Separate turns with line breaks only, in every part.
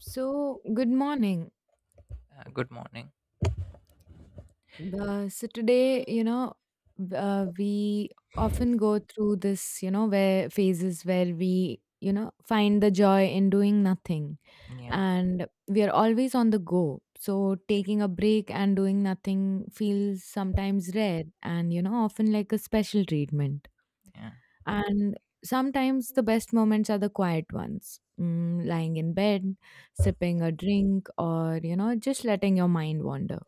So, good morning.
Good morning.
So today, we often go through this, you know, where phases where we, you know, find the joy in doing nothing,
Yeah,
and we are always on the go. So taking a break and doing nothing feels sometimes rare, and you know, often like a special treatment.
yeah,
And sometimes the best moments are the quiet ones, mm, lying in bed, sipping a drink, or you know, just letting your mind wander.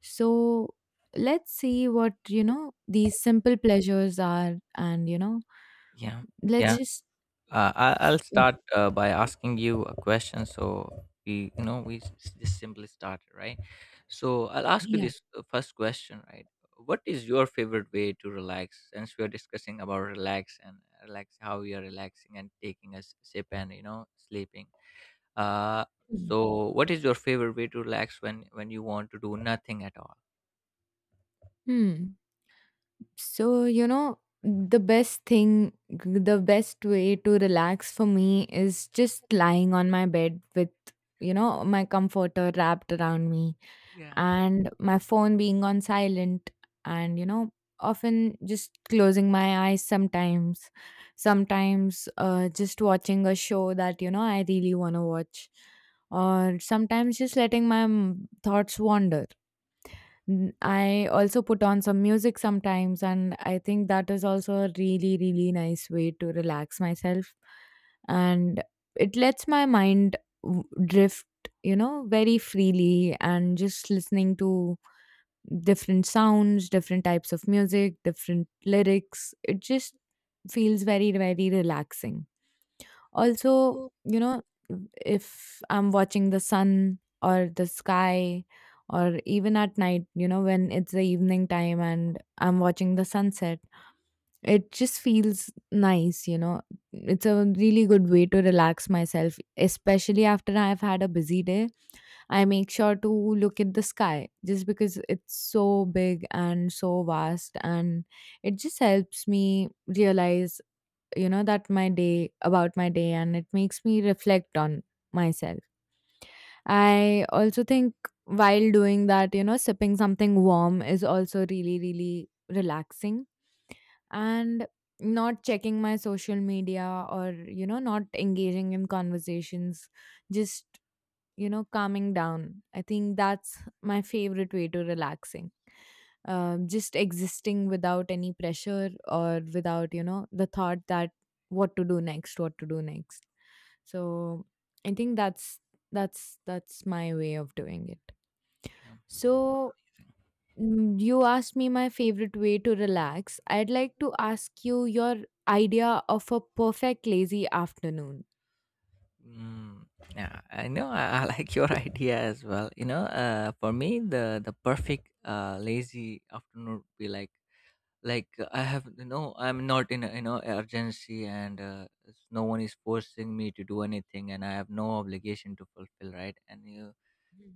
So let's see what, you know, these simple pleasures are. And, you know,
yeah,
let's
yeah.
just,
I'll
uh,
start by asking you a question. So we just simply started, right? So I'll ask you
yeah.
this first question, right? What is your favorite way to relax? Since we are discussing about relax and how we are relaxing and taking a sip and you know sleeping. Uh, so what is your favorite way to relax when you want to do nothing at all?
Hmm. So, you know, the best way to relax for me is just lying on my bed with, you know, my comforter wrapped around me
Yeah.
and my phone being on silent, and you know, often just closing my eyes. Sometimes just watching a show that you know I really want to watch, or sometimes just letting my thoughts wander. I also put on some music sometimes, and I think that is also a really, really nice way to relax myself. And it lets my mind drift, you know, very freely, and just listening to different sounds, different types of music, different lyrics. It just feels very, very relaxing. Also,
Yeah.
you know, if I'm watching the sun or the sky, or even at night, you know, when it's the evening time and I'm watching the sunset, it just feels nice, you know. It's a really good way to relax myself, especially after I've had a busy day. I make sure to look at the sky just because it's so big and so vast, and it just helps me realize, you know, that my day about my day, and it makes me reflect on myself. I also think, while doing that, you know, sipping something warm is also really, really relaxing, and not checking my social media, or you know, not engaging in conversations, just, you know, calming down. I think that's my favorite way to relaxing, just existing without any pressure, or without you know the thought that what to do next. So I think that's my way of doing it. So, mm, you asked me my favorite way to relax. I'd like to ask you your idea of a perfect lazy afternoon.
Mm, yeah, I know. I like your idea as well. You know, for me, the perfect lazy afternoon would be like I have you know I'm not in you know urgency and no one is forcing me to do anything and I have no obligation to fulfill, right? And you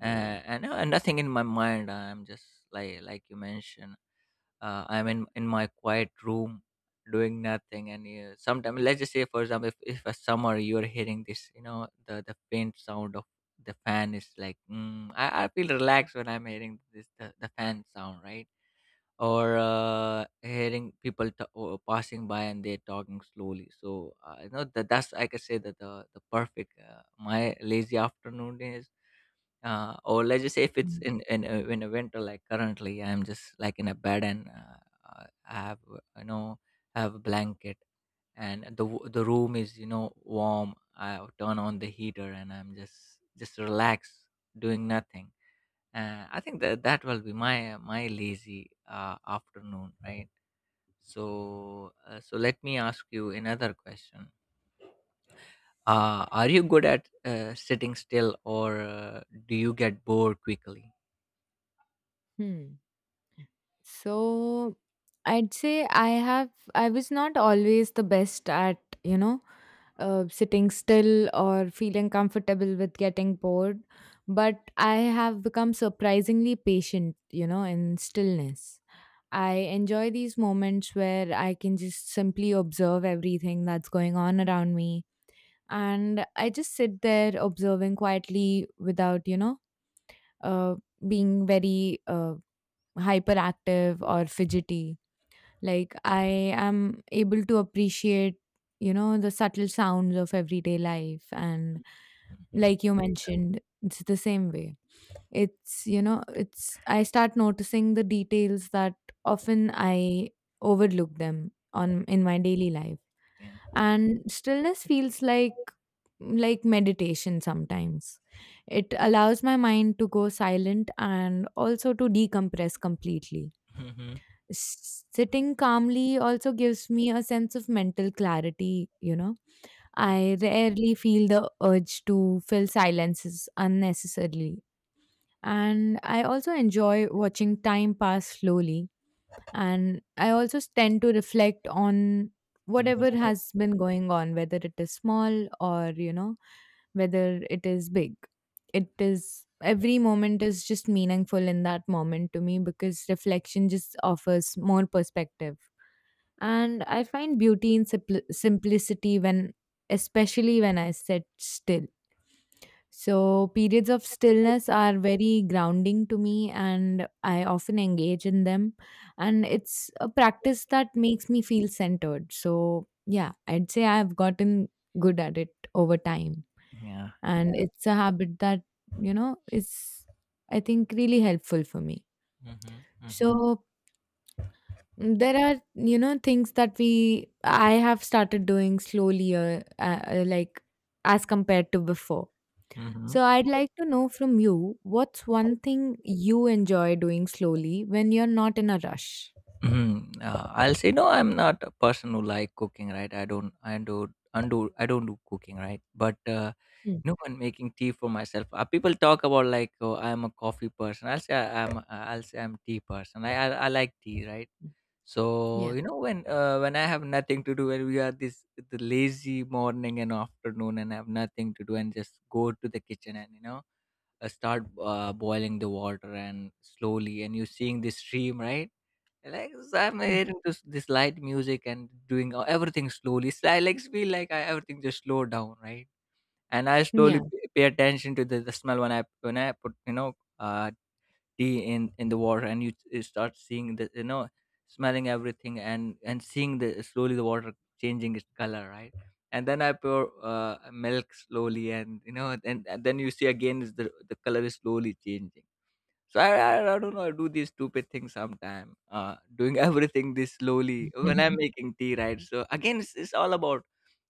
uh, and, uh, and nothing in my mind. I'm just like you mentioned, I'm in my quiet room doing nothing, and sometimes let's just say, for example, if a summer you're hearing this, you know, the faint sound of the fan is like mm, I feel relaxed when I'm hearing this the fan sound, right? Or hearing people or passing by and they're talking slowly. So you know, that's, I could say that the perfect my lazy afternoon is. Or let's just say, if it's
Mhm.
in in a winter, like currently I'm just like in a bed, and I have you know, I have a blanket, and the room is, you know, warm. I turn on the heater, and I'm just relaxed, doing nothing. I think that will be my my lazy afternoon, right? So so let me ask you another question. Are you good at sitting still, or do you get bored quickly?
Hmm. So I'd say I was not always the best at, you know, sitting still or feeling comfortable with getting bored, but I have become surprisingly patient, you know, in stillness. I enjoy these moments where I can just simply observe everything that's going on around me, and I just sit there observing quietly without, you know, uh, being very hyperactive or fidgety. Like, I am able to appreciate, you know, the subtle sounds of everyday life. And
Mm-hmm.
like you mentioned, it's the same way. It's, you know, it's, I start noticing the details that often I overlook them on in my daily life.
Yeah.
And stillness feels like meditation sometimes. It allows my mind to go silent and also to decompress completely.
Mhm.
Sitting calmly also gives me a sense of mental clarity, you know.
Yeah.
I rarely feel the urge to fill silences unnecessarily. And I also enjoy watching time pass slowly, and I also tend to reflect on
What Mhm.
whatever
about
has been going on, whether it is small, or you know, whether it is big. It is Every moment is just meaningful in that moment to me, because reflection just offers more perspective. And I find beauty in simplicity when, especially when I sit still. So, periods of stillness are very grounding to me, and I often engage in them. And it's a practice that makes me feel centered. So, yeah, I'd say I've gotten good at it over time.
Yeah.
And it's a habit that, you know, is, I think, really helpful for me.
Mhm. Mhm.
So, mm, there are, you know, things that I have started doing slowly, like as compared to before.
Mhm.
So I'd like to know from you, what's one thing you enjoy doing slowly when you're not in a rush?
Mhm. I'll say no. I'm not a person who like cooking, right? I don't. I do. Undo. I don't do cooking, right? But
Mm,
you know, when making tea for myself, people talk about like, oh, I'm a coffee person. I'll say I'm. I'll say I'm tea person. I. I like tea, right? So
yeah.
you know, when I have nothing to do, when we are this the lazy morning and afternoon, and have nothing to do, and just go to the kitchen, and you know, start boiling the water and slowly, and you seeing the stream, right? Like, so I'm
Mm,
hearing this, this light music, and doing everything slowly. So I like feel like I, everything just slow down, right? And I slowly
yeah.
pay attention to the smell when I put you know, uh, tea in the water, and you start seeing the, you know, smelling everything, and seeing the slowly the water changing its color, right? And then I pour milk slowly, and you know, and then you see again is the color is slowly changing. So I don't know, I do these stupid things sometime, doing everything this slowly when I'm making tea, right? So again, it's all about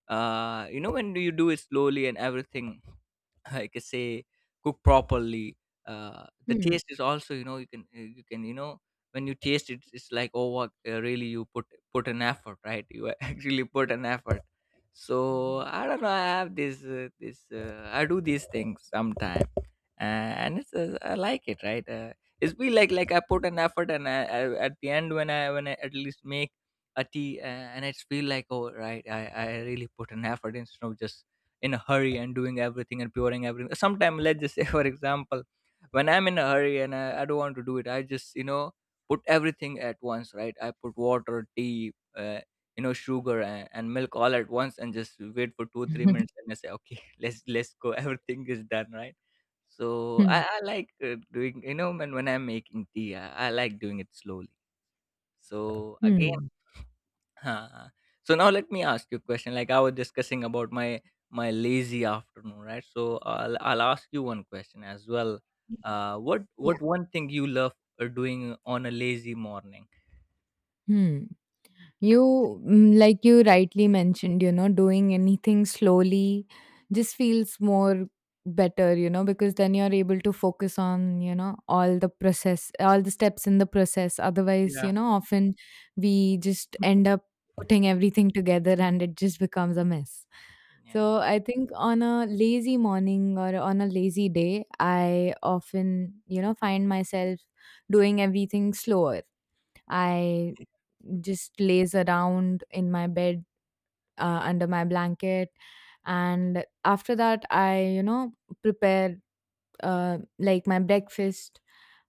you know, when do you do it slowly and everything. I can say, cook properly. The
Hmm.
taste is also, you know, you can you can, you know, when you taste it, it's like, oh, what really you put an effort, right? You actually put an effort. So I don't know. I have this this I do these things sometime, and it's I like it, right? It's be like I put an effort, and I, at the end, when I at least make a tea, and it's feel like, oh right, I really put an effort instead of just in a hurry and doing everything and pouring everything. Sometimes, let's just say, for example, when I'm in a hurry and I don't want to do it, I just, you know, put everything at once, right? I put water, tea, you know, sugar, and milk all at once, and just wait for two, 3 minutes, and I say, okay, let's go. Everything is done, right? So
Hmm.
I like doing, you know, when I'm making tea, I like doing it slowly. So again,
Hmm.
huh. So now let me ask you a question. Like I was discussing about my my lazy afternoon, right? So I'll ask you one question as well.
Hmm.
What
Yeah.
what one thing you love doing on a lazy morning?
Hmm. Like you rightly mentioned, you know, doing anything slowly just feels more better, you know, because then you're able to focus on, you know, all the process, all the steps in the process. Otherwise, you
Yeah.
know, often we just end up putting everything together, and it just becomes a mess.
Yeah.
So I think on a lazy morning or on a lazy day, I often, you know, find myself doing everything slower. I just lays around in my bed, under my blanket, and after that I, you know, prepare, like, my breakfast.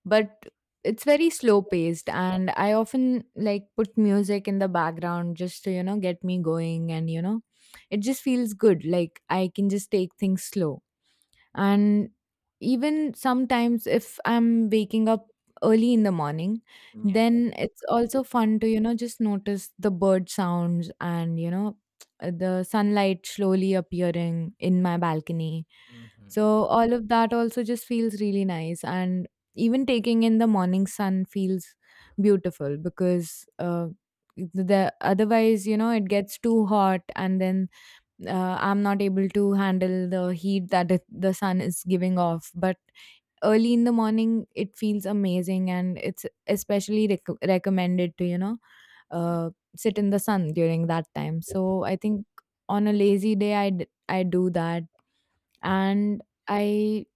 But it's very slow paced, and I often like put music in the background, just to you know get me going. And you know, it just feels good, like I can just take things slow. And even sometimes if I'm waking up early in the morning,
Yeah.
then it's also fun to, you know, just notice the bird sounds, and you know, the sunlight slowly appearing in my balcony.
Mm-hmm.
So all of that also just feels really nice. And even taking in the morning sun feels beautiful because, the otherwise you know it gets too hot, and then I'm not able to handle the heat that the sun is giving off. But early in the morning, it feels amazing, and it's especially recommended to, you know, uh, sit in the sun during that time. So I think on a lazy day, I do that, and I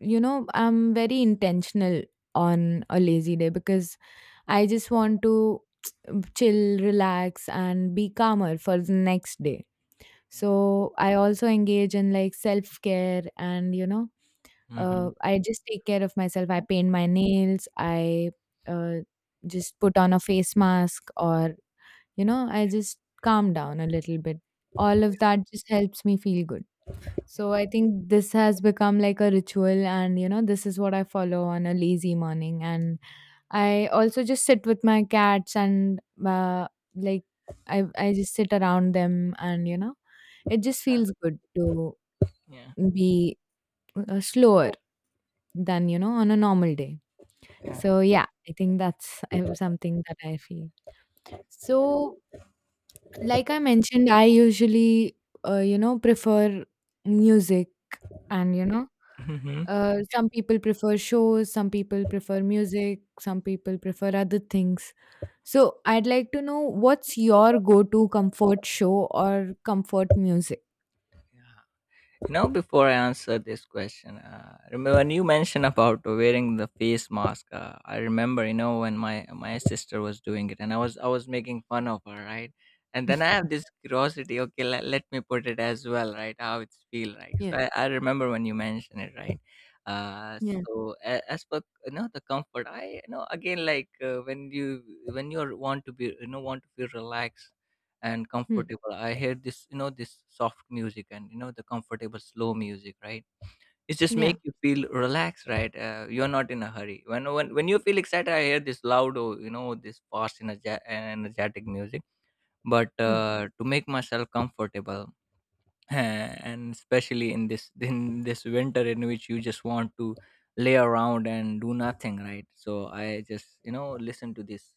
you know, I'm very intentional on a lazy day, because I just want to chill, relax, and be calmer for the next day.
Yeah.
So I also engage in like self care, and, you know,
Mm-hmm.
I just take care of myself. I paint my nails. I, uh, just put on a face mask, or, you know, I just calm down a little bit. All of that just helps me feel good. So I think this has become like a ritual, and you know, this is what I follow on a lazy morning. And I also just sit with my cats, and, uh, like I just sit around them, and you know, it just feels good to
Yeah.
be slower than, you know, on a normal day.
Yeah.
So yeah, I think that's something that I feel. So like I mentioned, I usually, you know, prefer music and you know.
Mm-hmm.
Some people prefer shows, some people prefer music, some people prefer other things. So I'd like to know, what's your go-to comfort show or comfort music?
Yeah. You know, before I answer this question, remember when you mentioned about wearing the face mask? I remember, you know, when my sister was doing it, and I was making fun of her, right? And then I have this curiosity. Okay, let me put it as well, right? How it's feel like. So
Yeah.
I remember when you mentioned it, right?
Yeah.
So as for you know, the comfort, I, you know, again like when you want to be, you know, want to feel relaxed and
Hmm.
comfortable. I hear this, you know, this soft music, and you know, the comfortable slow music, right? It's just
Yeah.
make you feel relaxed, right? You're not in a hurry. When you feel excited, I hear this loud, or you know, this fast energetic music. But
Hmm.
to make myself comfortable, and especially in this winter, in which you just want to lay around and do nothing, right? So I just, you know, listen to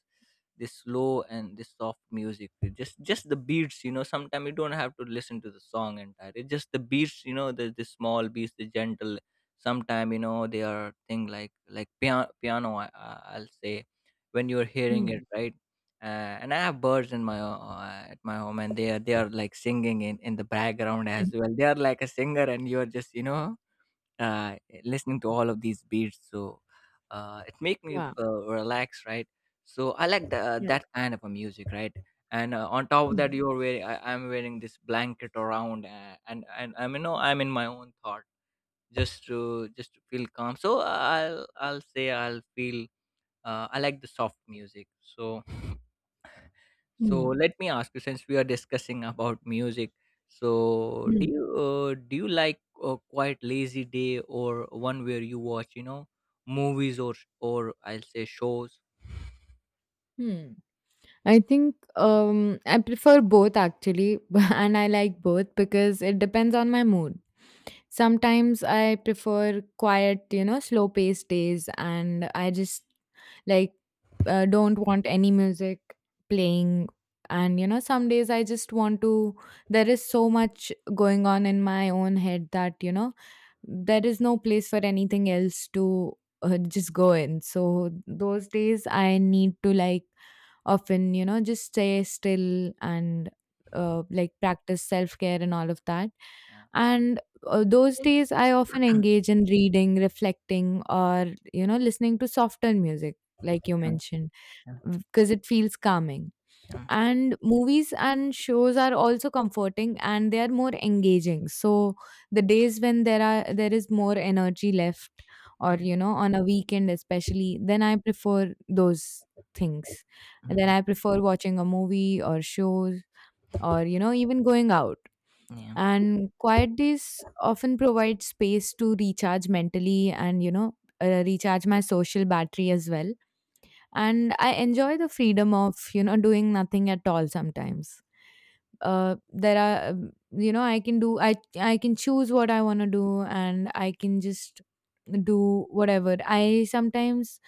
this slow and this soft music, with just the beats. You know, sometimes you don't have to listen to the song entire, it's just the beats, you know, the small beats, the gentle. Sometimes you know, they are thing like piano, I'll say, when you're hearing it,
Hmm.
right? And I have birds in my, at my home, and they are like singing in the background
Hmm.
as well. They are like a singer, and you are just, you know, uh, listening to all of these beats. So it make me
Wow.
relax, right? So I like the,
Yeah.
that kind of a music, right? And on top of
Hmm.
that, you're wearing I'm wearing this blanket around, and I'm, you know, I'm in my own thought, just to feel calm. So I'll say I'll feel I like the soft music. So so
Hmm.
let me ask you, since we are discussing about music, so
Hmm.
do you like a quite lazy day, or one where you watch, you know, movies or or I'll say shows?
Hmm. I think I prefer both actually, and I like both because it depends on my mood. Sometimes I prefer quiet, you know, slow paced days, and I just like, don't want any music playing. And you know, some days I just want to, there is so much going on in my own head that, you know, there is no place for anything else to just go in. So those days I need to like often, you know, just stay still, and like practice self care and all of that.
Yeah,
And those days I often engage in reading, reflecting, or, you know, listening to softer music, like you
yeah,
mentioned,
yeah,
because it feels calming.
yeah,
And movies and shows are also comforting, and they are more engaging. So, the days when there is more energy left, or
yeah,
you know, on a weekend especially, then I prefer those things. And then
Mhm.
I prefer watching a movie or shows, or you know, even going out.
yeah,
And quiet days often provide space to recharge mentally, and you know, recharge my social battery as well. And I enjoy the freedom of, you know, doing nothing at all sometimes. There are, you know, I can choose what I want to do, and I can just do whatever I, sometimes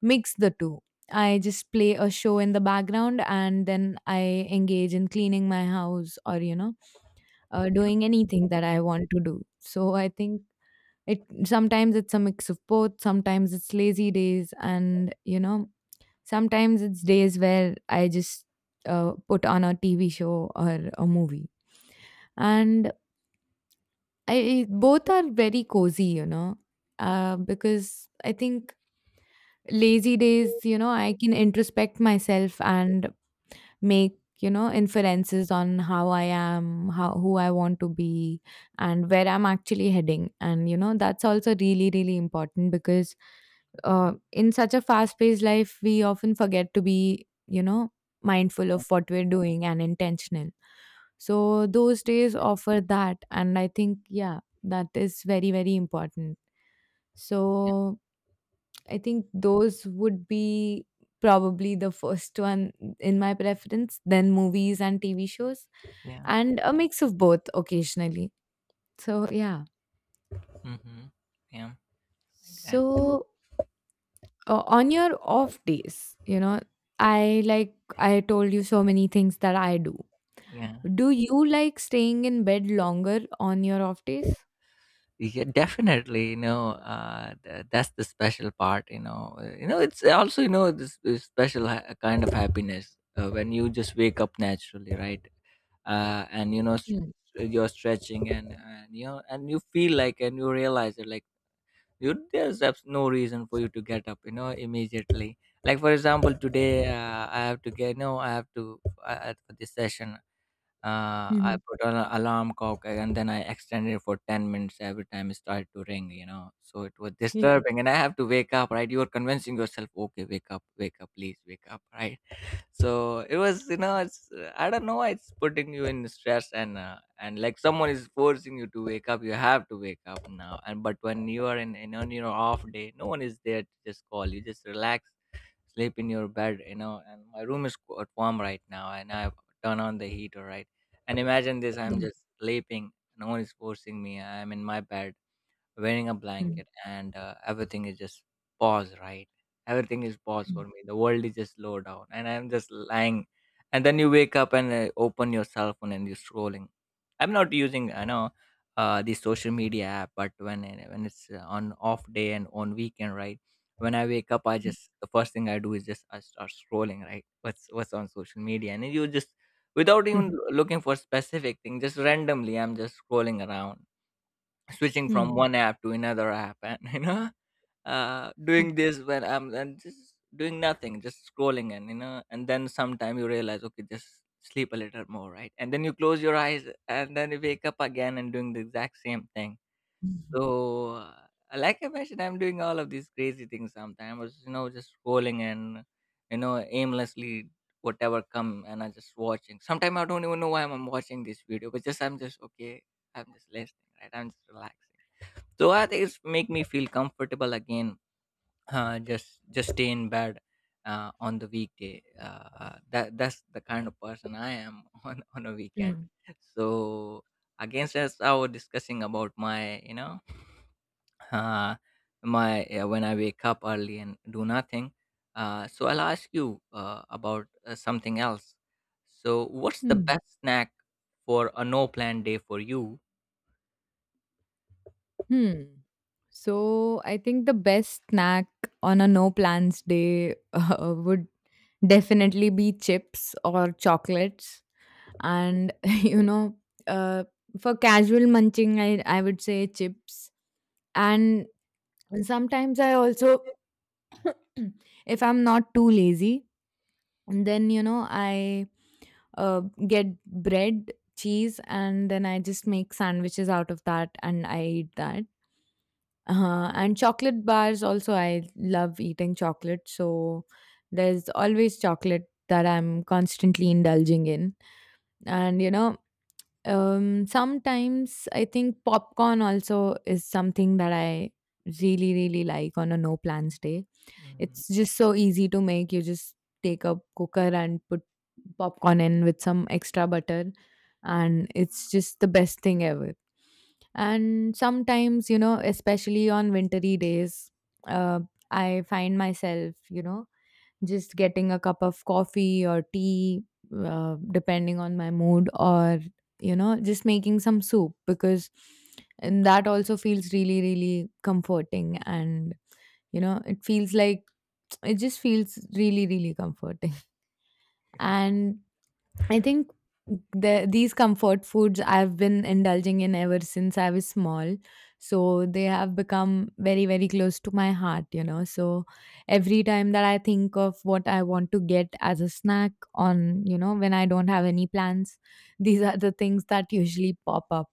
mix the two. I just play a show in the background, and then I engage in cleaning my house, or you know, doing anything that I want to do. So I think, it sometimes it's a mix of both, sometimes it's lazy days, and you know, sometimes it's days where I just, put on a TV show or a movie. And I both are very cozy, because I think lazy days, you know, I can introspect myself and make inferences on how I am how who I want to be and where I'm actually heading. And you know that's also really really important because in such a fast paced life we often forget to be mindful of what we're doing and intentional. So those days offer that and I think, yeah, that is very very important.
yeah,
so I think those would be probably the first one in my preference, then movies and TV shows,
yeah,
and a mix of both occasionally. So, yeah.
hmm yeah, like that.
So, on your off days, you know, I told you so many things that I do.
Yeah.
Do you like staying in bed longer on your off days?
Yeah, definitely. You know, that's the special part. You know, it's also, you know, this special kind of happiness when you just wake up naturally, right? And you know,
Mm.
you're stretching, and you know, and you feel like, and you realize it, like you there's no reason for you to get up, you know, immediately. Like, for example, today I have to get. No, I have to for this session.
Hmm.
I
Mm-hmm.
put an alarm clock, and then I extended it for 10 minutes every time it started to ring, you know. So it was
Yeah.
disturbing, and I have to wake up, right? You are convincing yourself, okay, wake up, please wake up, right? So it was, you know, it's, I don't know, it's putting you in stress, and like someone is forcing you to wake up, you have to wake up now. And, but when you are you on your off day, no one is there to just call you, just relax, sleep in your bed, you know. And my room is quite warm right now, and I turn on the heater, right? And imagine this: I'm
Mm.
just sleeping. No one is forcing me. I'm in my bed, wearing a
Hmm.
blanket and everything is just pause, right? Everything is pause
Hmm.
for me, the world is just slow down and I'm just lying. And then you wake up and open your cell phone and you're scrolling. I'm not using, I know, the social media app, but when it's on off day and on weekend, right? When I wake up, I just the first thing I do is just I start scrolling, right? What's on social media and then you just without even looking for specific thing, just randomly I'm just scrolling around, switching from
Hmm.
one app to another app, and you know, uh, doing this when I'm and just doing nothing, just scrolling, and you know, and then sometime you realize, okay, just sleep a little more, right? And then you close your eyes and then you wake up again and doing the exact same thing.
Hmm.
So uh, like I mentioned, I'm doing all of these crazy things sometimes, you know, just scrolling and, you know, aimlessly whatever come, and I just watching. Sometimes I don't even know why I'm watching this video, but just I'm just okay, I'm just listening, right? I'm just relaxing. So I think it's make me feel comfortable again, just stay in bed on the weekday. That's the kind of person I am on a weekend. So against, as I was discussing about my, you know, uh, my when I wake up early and do nothing. So I'll ask you about something else. So what's the
Hmm.
best snack for a no plan day for you?
Hmm. So I think the best snack on a no plans day, would definitely be chips or chocolates. And, you know, uh, for casual munching, I would say chips. And sometimes I also, if I'm not too lazy, and then you know I uh, get bread, cheese, and then I just make sandwiches out of that and I eat that. And chocolate bars also, I love eating chocolate, so there's always chocolate that I'm constantly indulging in. And you know, sometimes I think popcorn also is something that I really really like on a no plans day.
Mhm.
It's just so easy to make. You just take a cooker and put popcorn in with some extra butter,
Yeah.
and it's just the best thing ever. And sometimes, you know, especially on wintry days, uh, I find myself, you know, just getting a cup of coffee or tea, depending on my mood, or, you know, just making some soup because and that also feels really, really comforting. And, you know, it feels like it just feels really really comforting, and I think these comfort foods I've been indulging in ever since I was small, so they have become very very close to my heart, you know. So every time that I think of what I want to get as a snack on, you know, when I don't have any plans, these are the things that usually pop up.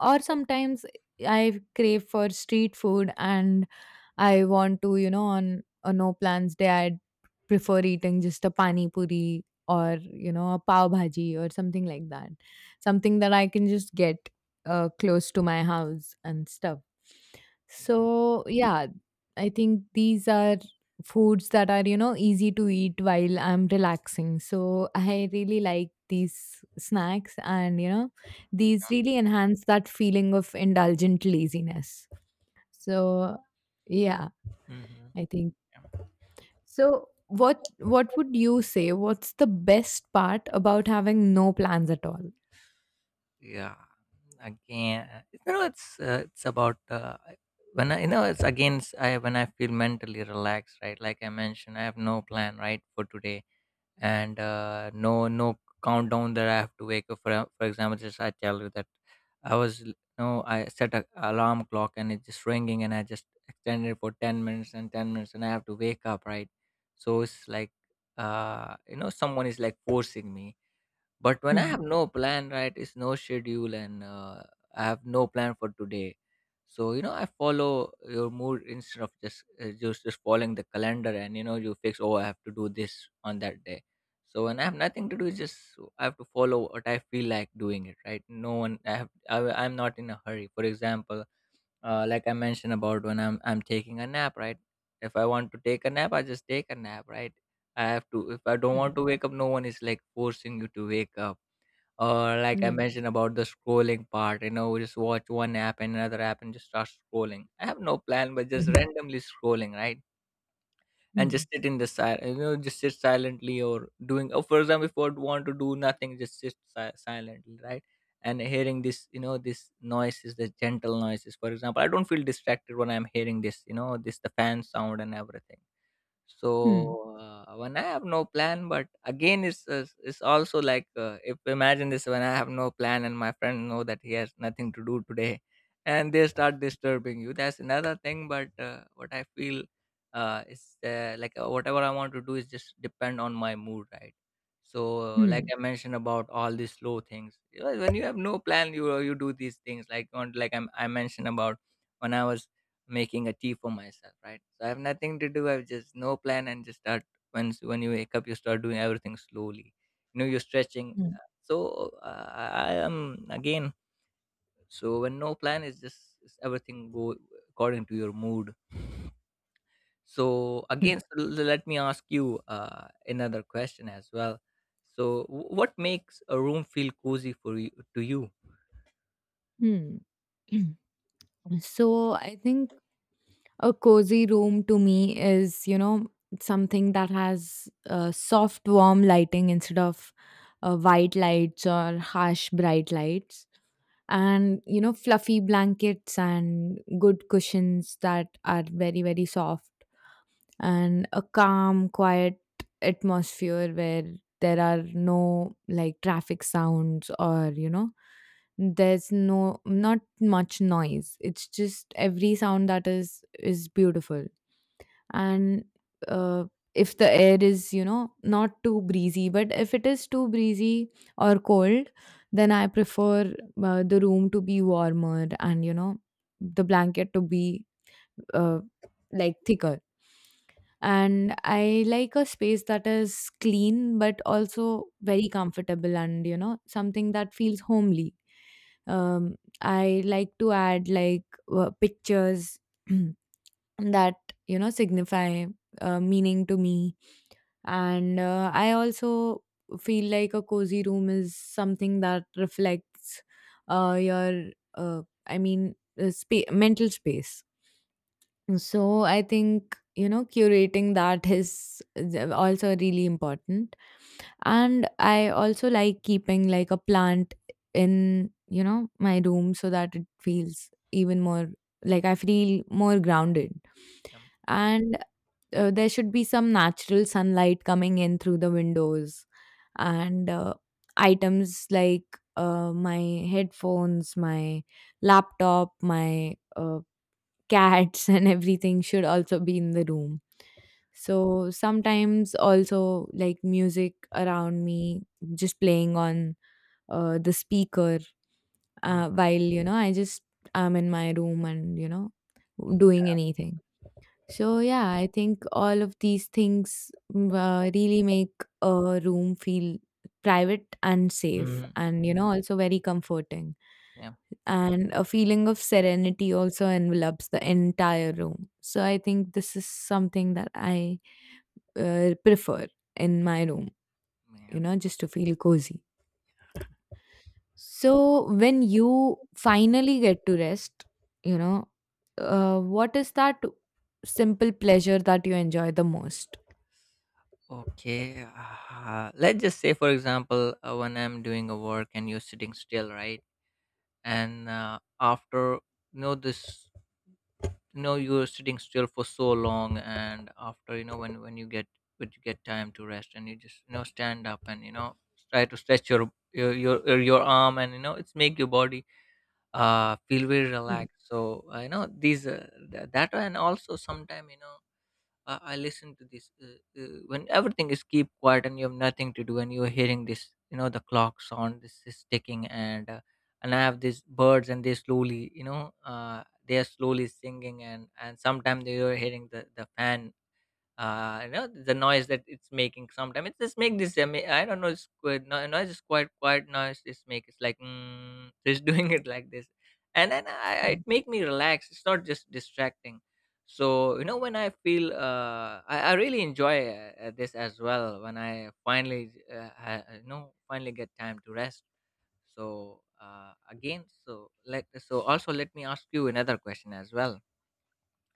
Or sometimes I crave for street food, and I want to, you know, on a no plans day, I'd prefer eating just a pani puri or, you know, a pav bhaji or something like that. Something that I can just get close to my house and stuff. So, yeah, I think these are foods that are, you know, easy to eat while I'm relaxing. So, I really like these snacks, and, you know, these really enhance that feeling of indulgent laziness. So, yeah.
Mhm.
I think. So, what would you say, what's the best part about having no plans at all?
Yeah, again, you know, it's about, when I, you know, I when I feel mentally relaxed, right? Like I mentioned, I have no plan, right, for today, and no countdown that I have to wake up. For example, just I tell you that I was, you know, I set a alarm clock and it's just ringing, and I just extended it for 10 minutes and 10 minutes, and I have to wake up, right? So it's like you know, someone is like forcing me. But when I
Hmm.
have no plan, right, it's no schedule and, I have no plan for today. So you know, I follow your mood instead of just just following the calendar, and you know, you fix. Oh, I have to do this on that day. So when I have nothing to do, it's just so, I have to follow what I feel like doing it, right? No one. I have. I, I'm not in a hurry. For example, like I mentioned about when I'm taking a nap, right? If I want to take a nap, I just take a nap, right? I have to. If I don't
Hmm.
want to wake up, no one is like forcing you to wake up, or like I
Yeah.
mentioned about the scrolling part, you know, we just watch one app and another app and just start scrolling. I have no plan, but just
Mhm.
randomly scrolling, right? And
Hmm.
just sit in the side, you know, just sit silently or doing. Oh, for example, if I would want to do nothing, just sit silently, right? And hearing this, you know, this noises, the gentle noises. For example, I don't feel distracted when I'm hearing this, you know, this the fan sound and everything.
Hmm.
So, when I have no plan, but again, it's also like, if imagine this when I have no plan and my friend know that he has nothing to do today, and they start disturbing you. That's another thing. But what I feel is, like, whatever I want to do is just depend on my mood, right? So, like
Hmm.
I mentioned about all these slow things. You know, when you have no plan, you do these things like on like I mentioned about when I was making a tea for myself, right? So I have nothing to do. I have just no plan and just start. Once when you wake up, you start doing everything slowly. You know, you're stretching.
Hmm.
So I am again. So when no plan is just is everything go according to your mood. So again, so let me ask you another question as well. So what makes a room feel cozy for you to you?
Hmm. Hmm. So I think a cozy room to me is, you know, something that has soft warm lighting instead of white lights or harsh bright lights, and you know, fluffy blankets and good cushions that are very very soft, and a calm, quiet atmosphere where there are no like traffic sounds or, you know, there's not much noise. It's just every sound that is beautiful. And uh, if the air is, you know, not too breezy, but if it is too breezy or cold, then I prefer the room to be warmer, and you know, the blanket to be uh, like thicker. And I like a space that is clean but also very comfortable, and you know, something that feels homely. um I like to add like pictures that you know signify meaning to me. And I also feel like a cozy room is something that reflects your uh, I mean spa- mental space. So I think, you know, curating that is also really important. And I also like keeping like a plant in, you know, my room so that it feels even more like I feel more grounded.
Um,
And there should be some natural sunlight coming in through the windows, and items like my headphones, my laptop, my cats, and everything should also be in the room. So sometimes also like music around me just playing on the speaker
mm,
while you know I just am in my room and you know doing anything. So yeah, I think all of these things really make a room feel private and safe,
mm,
and you know, also very comforting.
yeah.
And a feeling of serenity also envelops the entire room. So I think this is something that I prefer in my room, you
Yeah.
know, just to feel cozy. So when you finally get to rest, you know, what is that simple pleasure that you enjoy the most?
Okay. Let's just say, for example, when I'm doing a work and you're sitting still, right? And, after you know this, you know, you're sitting still for so long, and after you know when you get when you get time to rest, and you just, you know, stand up and, you know, try to stretch your arm, and you know it's make your body feel very
Hmm.
relaxed. So, you know, these, that and also sometime, you know, I listen to this, uh, when everything is keep quiet and you have nothing to do and you are hearing this, you know, the clock sound, this is ticking, and, and I have these birds and they slowly, you know, they are slowly singing, and sometimes they are hearing the fan, you know, the noise that it's making. Sometimes it just make this. I mean, I don't know, it's good. No, noise is quite quite noise, this make it's like, mm, just doing it like this, and then it make me relax, it's not just distracting. So you know, when I feel, I really enjoy uh, this as well when I finally, I you know finally get time to rest. So, again, so let, so also let me ask you another question as well.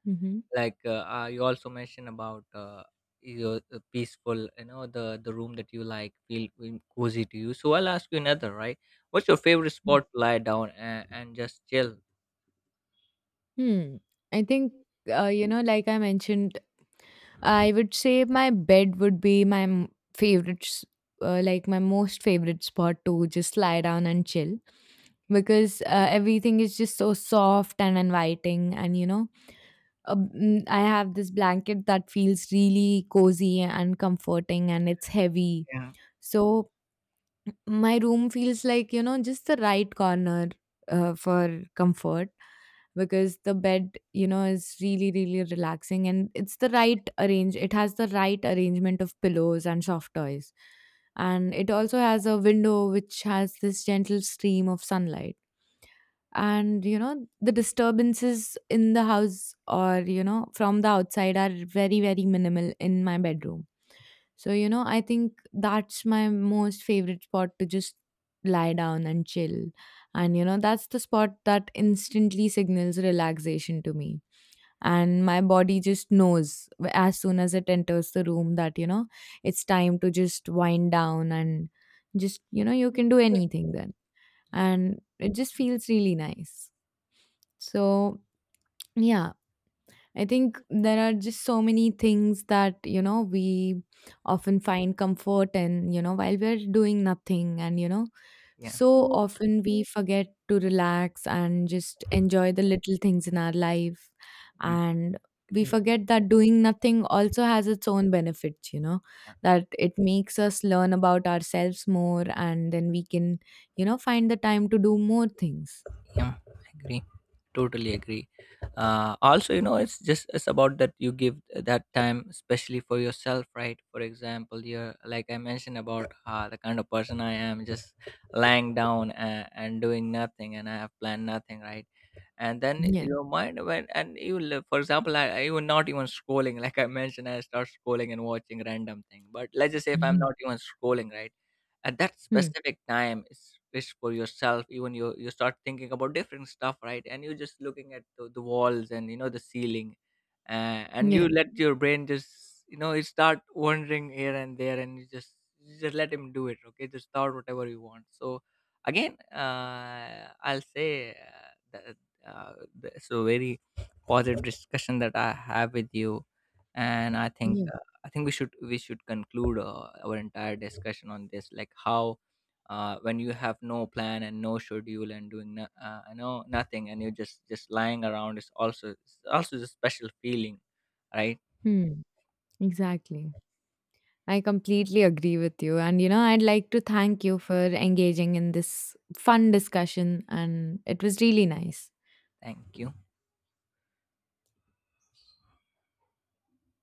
Mm-hmm.
Like, uh, you also mentioned about, your, peaceful, you know, the room that you like feel feel cozy to you, so I'll ask you another, right? What's your favorite spot to lie down and just chill?
Hmm. I think, you know, like I mentioned, I would say my bed would be my favorite, like my most favorite spot to just lie down and chill,
Okay.
because everything is just so soft and inviting. And you know, I have this blanket that feels really cozy and comforting, and it's heavy.
Yeah.
So my room feels like, you know, just the right corner for comfort, because the bed, you know, is really really relaxing, and it has the right arrangement of pillows and soft toys. And it also has a window which has this gentle stream of sunlight, and you know, the disturbances in the house, or you know, from the outside are very very minimal in my bedroom. So, you know, I think that's my most favorite spot to just lie down and chill. And, you know, that's the spot that instantly signals relaxation to me. And my body just knows as soon as it enters the room that, you know, it's time to just wind down and just, you know, you can do anything then.
Mm,
And it just feels really nice. So, yeah, I think there are just so many things that, you know, we often find comfort in, you know, while we're doing nothing. And, you know,
yeah.
so
Well,
often we forget to relax and just enjoy the little things in our life.
I'm
And we
agreeing.
forget that doing nothing also has its own benefits, you know, that it makes us learn about ourselves more, and then we can, you know, find the time to do more things.
Yeah, agree, totally agree. Uh, also, you know, it's just it's about that you give that time especially for yourself, right? For example, you're like I mentioned about, the kind of person I am, just lying down and doing nothing, and I have planned nothing, right? And then
Yeah.
your mind went and for example, I even not even scrolling like I mentioned, I start scrolling and watching random thing. But let's just say, if I'm
Mhm.
not even scrolling, right, at that
Hmm.
specific time, it's for yourself, even you start thinking about different stuff, right? And you're just looking at the walls and, you know, the ceiling, uh, and
Yeah.
you let your brain just, you know, you start wandering here and there, and you just let him do it, okay, just thought whatever you want. So again, I'll say, uh, so very positive discussion that I have with you, and I think,
Yeah.
I think we should conclude, our entire discussion on this, like how, when you have no plan and no schedule and doing no nothing, and you're just lying around, is also it's also a special feeling, right?
Hmm. Exactly. I completely agree with you. And, you know, I'd like to thank you for engaging in this fun discussion. And it was really nice.
Thank you.